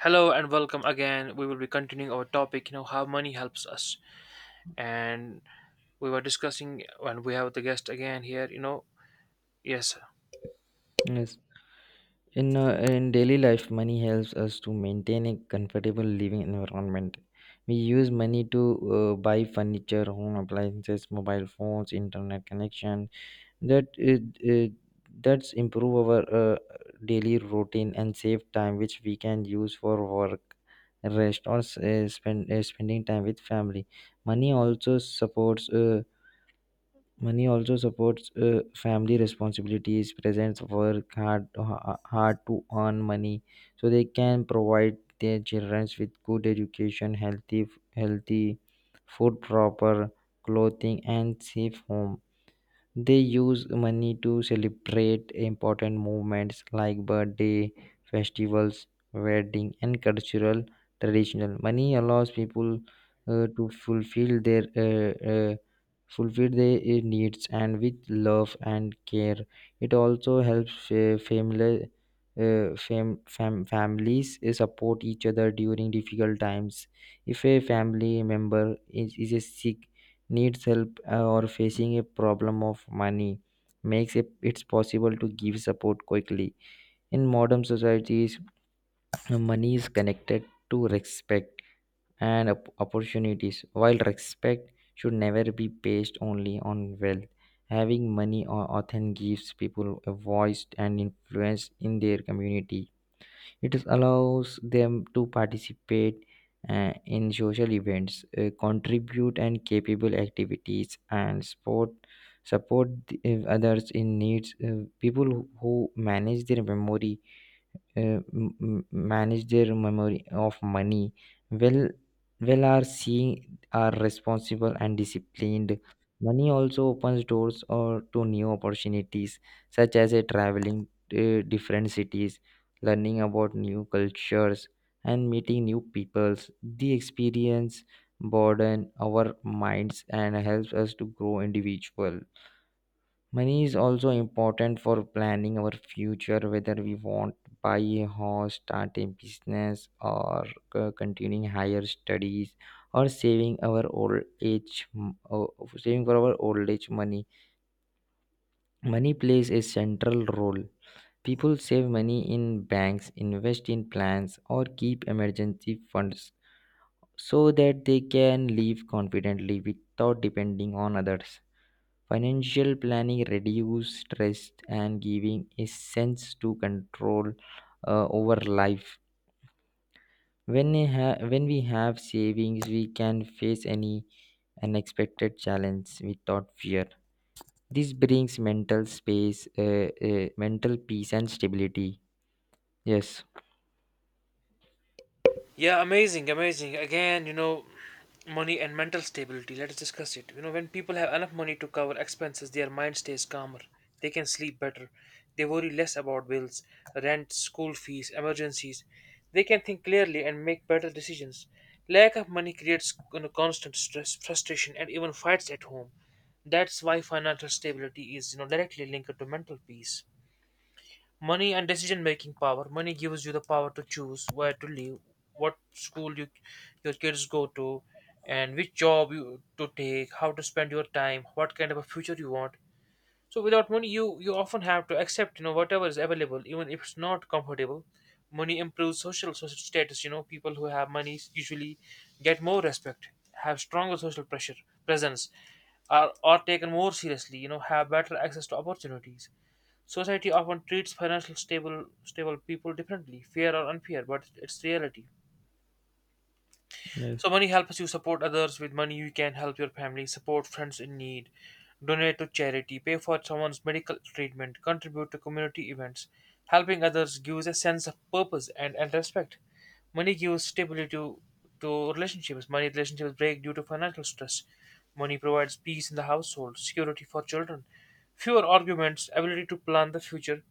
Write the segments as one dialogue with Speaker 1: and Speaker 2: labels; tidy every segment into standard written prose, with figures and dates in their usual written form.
Speaker 1: Hello and welcome again. We will be continuing our topic, how money helps us. And we were discussing, and we have the guest again here. Yes,
Speaker 2: Yes. In daily life, money helps us to maintain a comfortable living environment. We use money to buy furniture, home appliances, mobile phones, internet connection. That uh, uh, that's improve our daily routine and save time, which we can use for work, rest, or spend spending time with family. Money also supports. Uh, Money also supports family responsibilities. Parents work hard, hard to earn money so they can provide their children with good education, healthy food, proper clothing, and safe home. They use money to celebrate important moments like birthday, festivals, wedding, and cultural traditional. Money allows people to fulfill their needs and with love and care. It also helps family. Families support each other during difficult times. If a family member is a sick, needs help or facing a problem of money makes it it's possible to give support quickly. In modern societies, money is connected to respect and opportunities. While respect should never be based only on wealth, having money often gives people a voice and influence in their community. It is allows them to participate in social events, contribute and capable activities, and support others in needs. People who manage their memory manage their memory of money well well are seeing are responsible and disciplined. Money also opens doors or to new opportunities, such as a traveling to different cities, learning about new cultures, and meeting new peoples. The experience broaden our minds and helps us to grow individual. Money is also important for planning our future, whether we want to buy a house, start a business, or continuing higher studies, or saving our old age, saving for our old age money. Money plays a central role. People save money in banks, invest in plans, or keep emergency funds so that they can live confidently without depending on others. Financial planning reduces stress and giving a sense to control over life. When we have savings, we can face any unexpected challenge without fear. This brings mental peace, and stability. Yes.
Speaker 1: yeah, amazing, amazing. Again, money and mental stability. Let's discuss it. When people have enough money to cover expenses, their mind stays calmer. They can sleep better. They worry less about bills, rent, school fees, emergencies. They can think clearly and make better decisions. Lack of money creates constant stress, frustration, and even fights at home. That's why financial stability is directly linked to mental peace. Money and decision making power. Money gives you the power to choose where to live, what school you, your kids go to, and which job you to take, how to spend your time, what kind of a future you want. So without money, you often have to accept whatever is available, even if it's not comfortable. Money improves social status. People who have money usually get more respect, have stronger social pressure presence, are taken more seriously. Have better access to opportunities. Society often treats financial stable people differently, fair or unfair, but it's reality.
Speaker 2: Yes.
Speaker 1: So money helps you support others. With money, you can help your family, support friends in need, donate to charity, pay for someone's medical treatment, contribute to community events. Helping others gives a sense of purpose and respect. Money gives stability to relationships. Money relationships break due to financial stress. Money provides peace in the household, security for children, fewer arguments, ability to plan the future.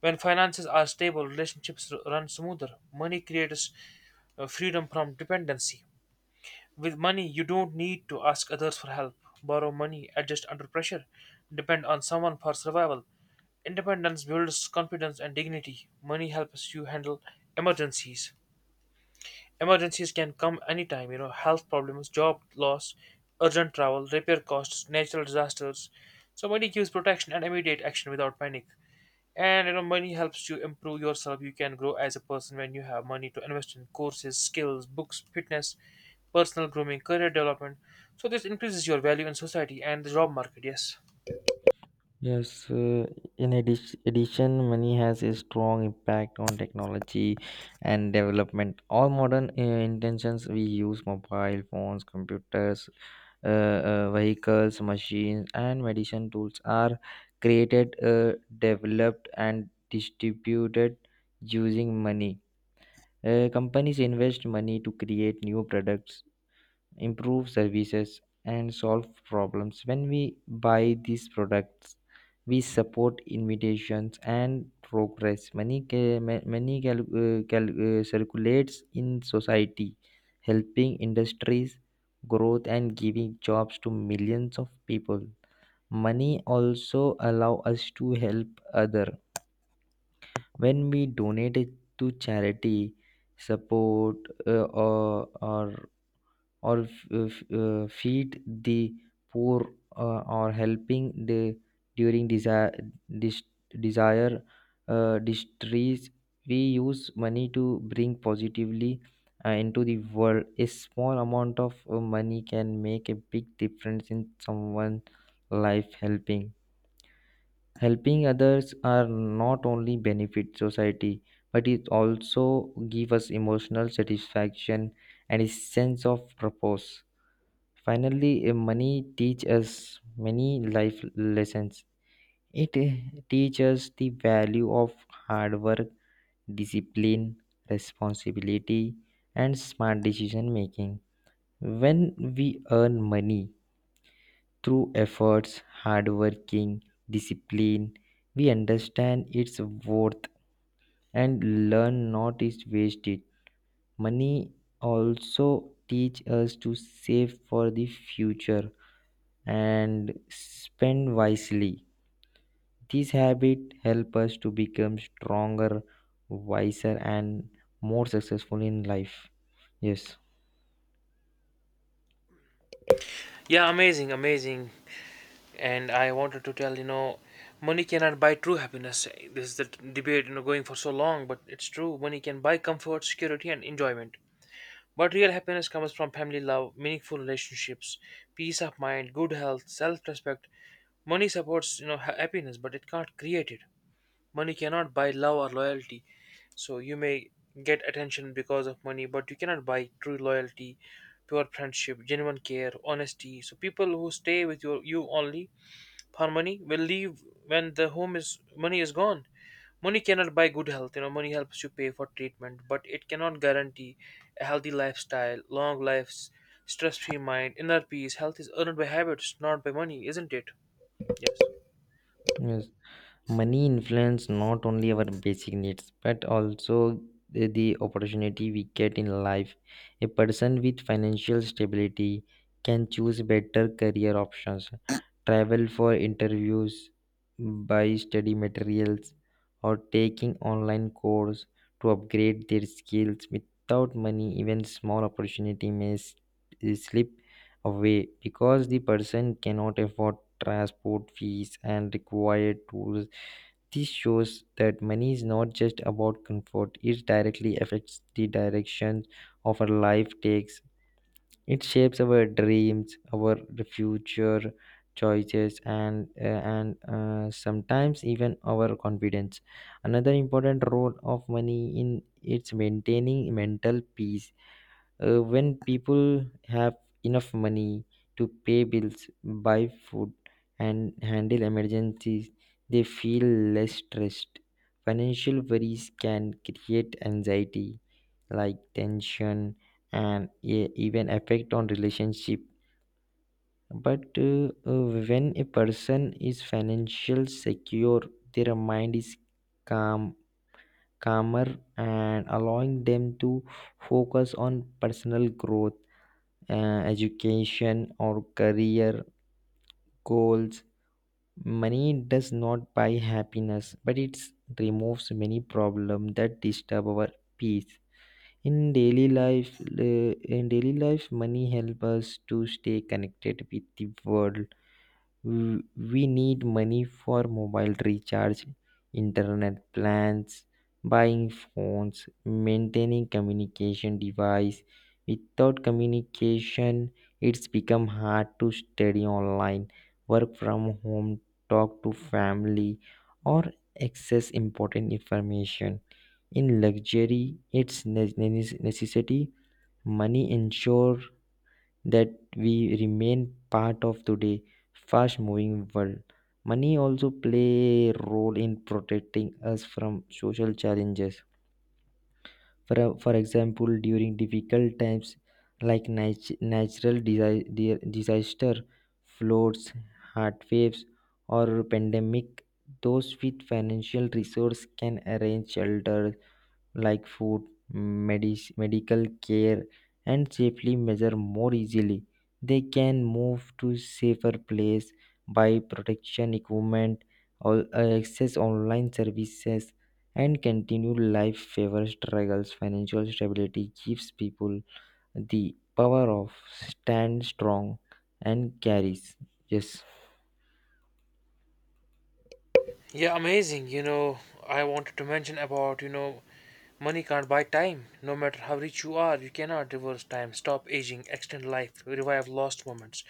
Speaker 1: When finances are stable, relationships run smoother. Money creates freedom from dependency. With money, you don't need to ask others for help, borrow money, adjust under pressure, depend on someone for survival. Independence builds confidence and dignity. Money helps you handle emergencies. Emergencies can come anytime, health problems, job loss, urgent travel, repair costs, natural disasters. So, money gives protection and immediate action without panic. And money helps you improve yourself. You can grow as a person when you have money to invest in courses, skills, books, fitness, personal grooming, career development. So this increases your value in society and the job market. Yes.
Speaker 2: Yes, addition, money has a strong impact on technology and development. All modern intentions we use mobile phones, computers, vehicles, machines, and medicine tools are created, developed, and distributed using money. Companies invest money to create new products, improve services and solve problems. When we buy these products, we support invitations and progress. Money circulates in society, helping industries growth and giving jobs to millions of people. Money also allow us to help other when we donate it to charity, support uh, or, or or feed the poor, or helping the during desire dis- desire distress. We use money to bring positively into the world. A small amount of money can make a big difference in someone's life. Helping others are not only benefit society, but it also give us emotional satisfaction and a sense of purpose. Finally, money teach us many life lessons. It teach us the value of hard work, discipline, responsibility, and smart decision making. When we earn money through efforts, hard working, discipline, we understand its worth and learn not to waste it. Money also teach us to save for the future and spend wisely. This habit help us to become stronger, wiser, and more successful in life. Yes,
Speaker 1: Yeah, amazing, amazing. And I wanted to tell money cannot buy true happiness. This is the debate going for so long, but it's true. Money can buy comfort, security, and enjoyment, but real happiness comes from family, love, meaningful relationships, peace of mind, good health, self-respect. Money supports happiness, but it can't create it. Money cannot buy love or loyalty. So you may get attention because of money, but you cannot buy true loyalty, pure friendship, genuine care, honesty. So people who stay with you only for money will leave when the home is money is gone. Money cannot buy good health. Money helps you pay for treatment, but it cannot guarantee a healthy lifestyle, long lives, stress free mind, inner peace. Health is earned by habits, not by money, isn't it? Yes.
Speaker 2: yes. Money influence not only our basic needs but also the opportunity we get in life. A person with financial stability can choose better career options, travel for interviews, buy study materials, or taking online course to upgrade their skills. Without money, even small opportunity may slip away because the person cannot afford transport fees and required tools. This shows that money is not just about comfort, it directly affects the direction of our life takes. It shapes our dreams, our future choices, and sometimes even our confidence. Another important role of money in its maintaining mental peace. When people have enough money to pay bills, buy food, and handle emergencies, they feel less stressed. Financial worries can create anxiety, like tension, and even affect on relationship. But when a person is financial secure, their mind is calm, calmer, and allowing them to focus on personal growth, education or career goals. Money does not buy happiness, but it removes many problems that disturb our peace in daily life. Uh, in daily life money helps us to stay connected with the world. We need money for mobile recharge, internet plans, buying phones, maintaining communication device. Without communication, it's become hard to study online, work from home, talk to family, or access important information. In luxury, it's necessity. Money ensure that we remain part of today's fast moving world. Money also play a role in protecting us from social challenges. For example, during difficult times like natural disaster, floods, heart waves, or pandemic, those with financial resource can arrange shelters like food, medical care, and safely measure more easily. They can move to safer place by protection equipment or access online services and continue life favor struggles. Financial stability gives people the power of stand strong and carries. Yes.
Speaker 1: Yeah, amazing. I wanted to mention about, money can't buy time. No matter how rich you are, you cannot reverse time, stop aging, extend life, revive lost moments.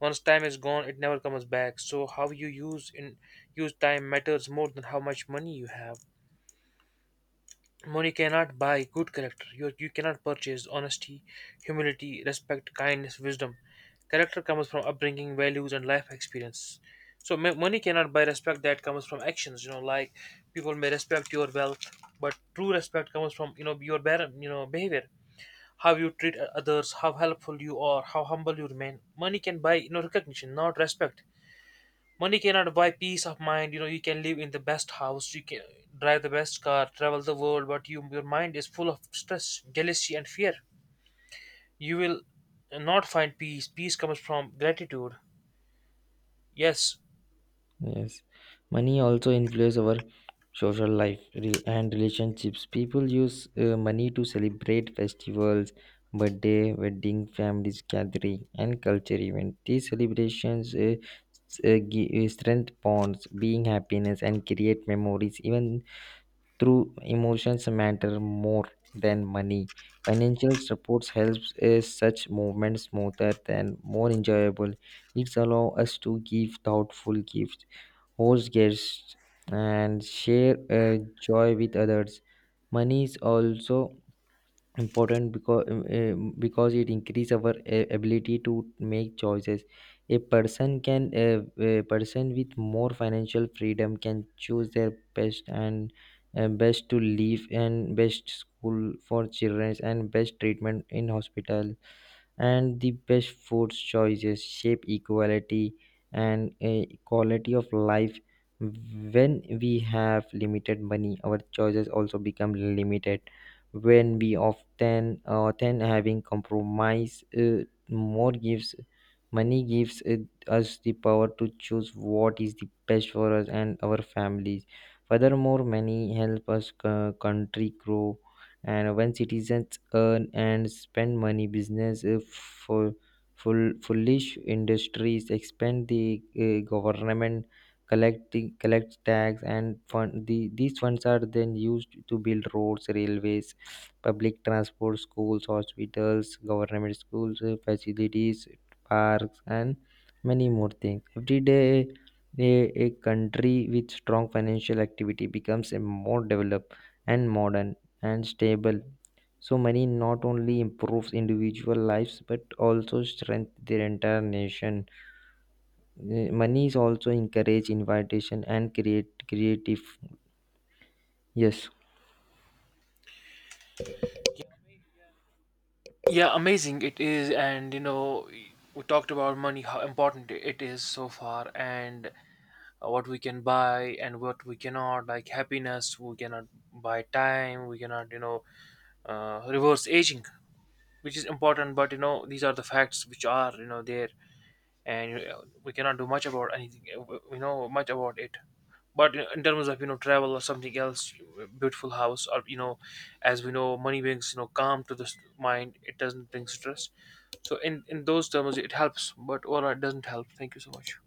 Speaker 1: Once time is gone, it never comes back. So how you use time matters more than how much money you have. Money cannot buy good character. You cannot purchase honesty, humility, respect, kindness, wisdom. Character comes from upbringing, values, and life experience. So money cannot buy respect that comes from actions. Like people may respect your wealth, but true respect comes from you know your bear, you know behavior, how you treat others, how helpful you are, how humble you remain. Money can buy recognition, not respect. Money cannot buy peace of mind. You can live in the best house, you can drive the best car, travel the world, but your mind is full of stress, jealousy, and fear. You will not find peace. Peace comes from gratitude. Yes.
Speaker 2: Yes, money also influences our social life and relationships. People use money to celebrate festivals, birthday, wedding, families gathering, and culture event. These celebrations strengthen bonds, being happiness, and create memories. Even through emotions matter more than money. Financial supports helps such movements smoother and more enjoyable. It allows us to give thoughtful gifts, host guests, and share a joy with others. Money is also important because it increases our ability to make choices. A person can a, a person with more financial freedom can choose their best and best to live and best school for children and best treatment in hospital and the best food choices shape equality and a quality of life. When we have limited money, our choices also become limited, when we often having compromise. Uh, more gives money gives uh, us the power to choose what is the best for us and our families. Furthermore, money help us country grow. And when citizens earn and spend money, business for full foolish industries expand, the government collect tax and fund the, these funds are then used to build roads, railways, public transport, schools, hospitals, government schools, facilities, parks, and many more things every day. A country with strong financial activity becomes a more developed and modern and stable. So money not only improves individual lives but also strengthens their entire nation. Money is also encourage invitation and create creative. Yes.
Speaker 1: Yeah, amazing it is. And, we talked about money, how important it is so far, and what we can buy and what we cannot, like happiness. We cannot buy time, we cannot, reverse aging, which is important. But these are the facts, which are there. And we cannot do much about anything much about it. But in terms of travel or something else, beautiful house, or as we know, money brings calm to the mind, it doesn't bring stress. So in those terms it helps, but overall it doesn't help. Thank you so much.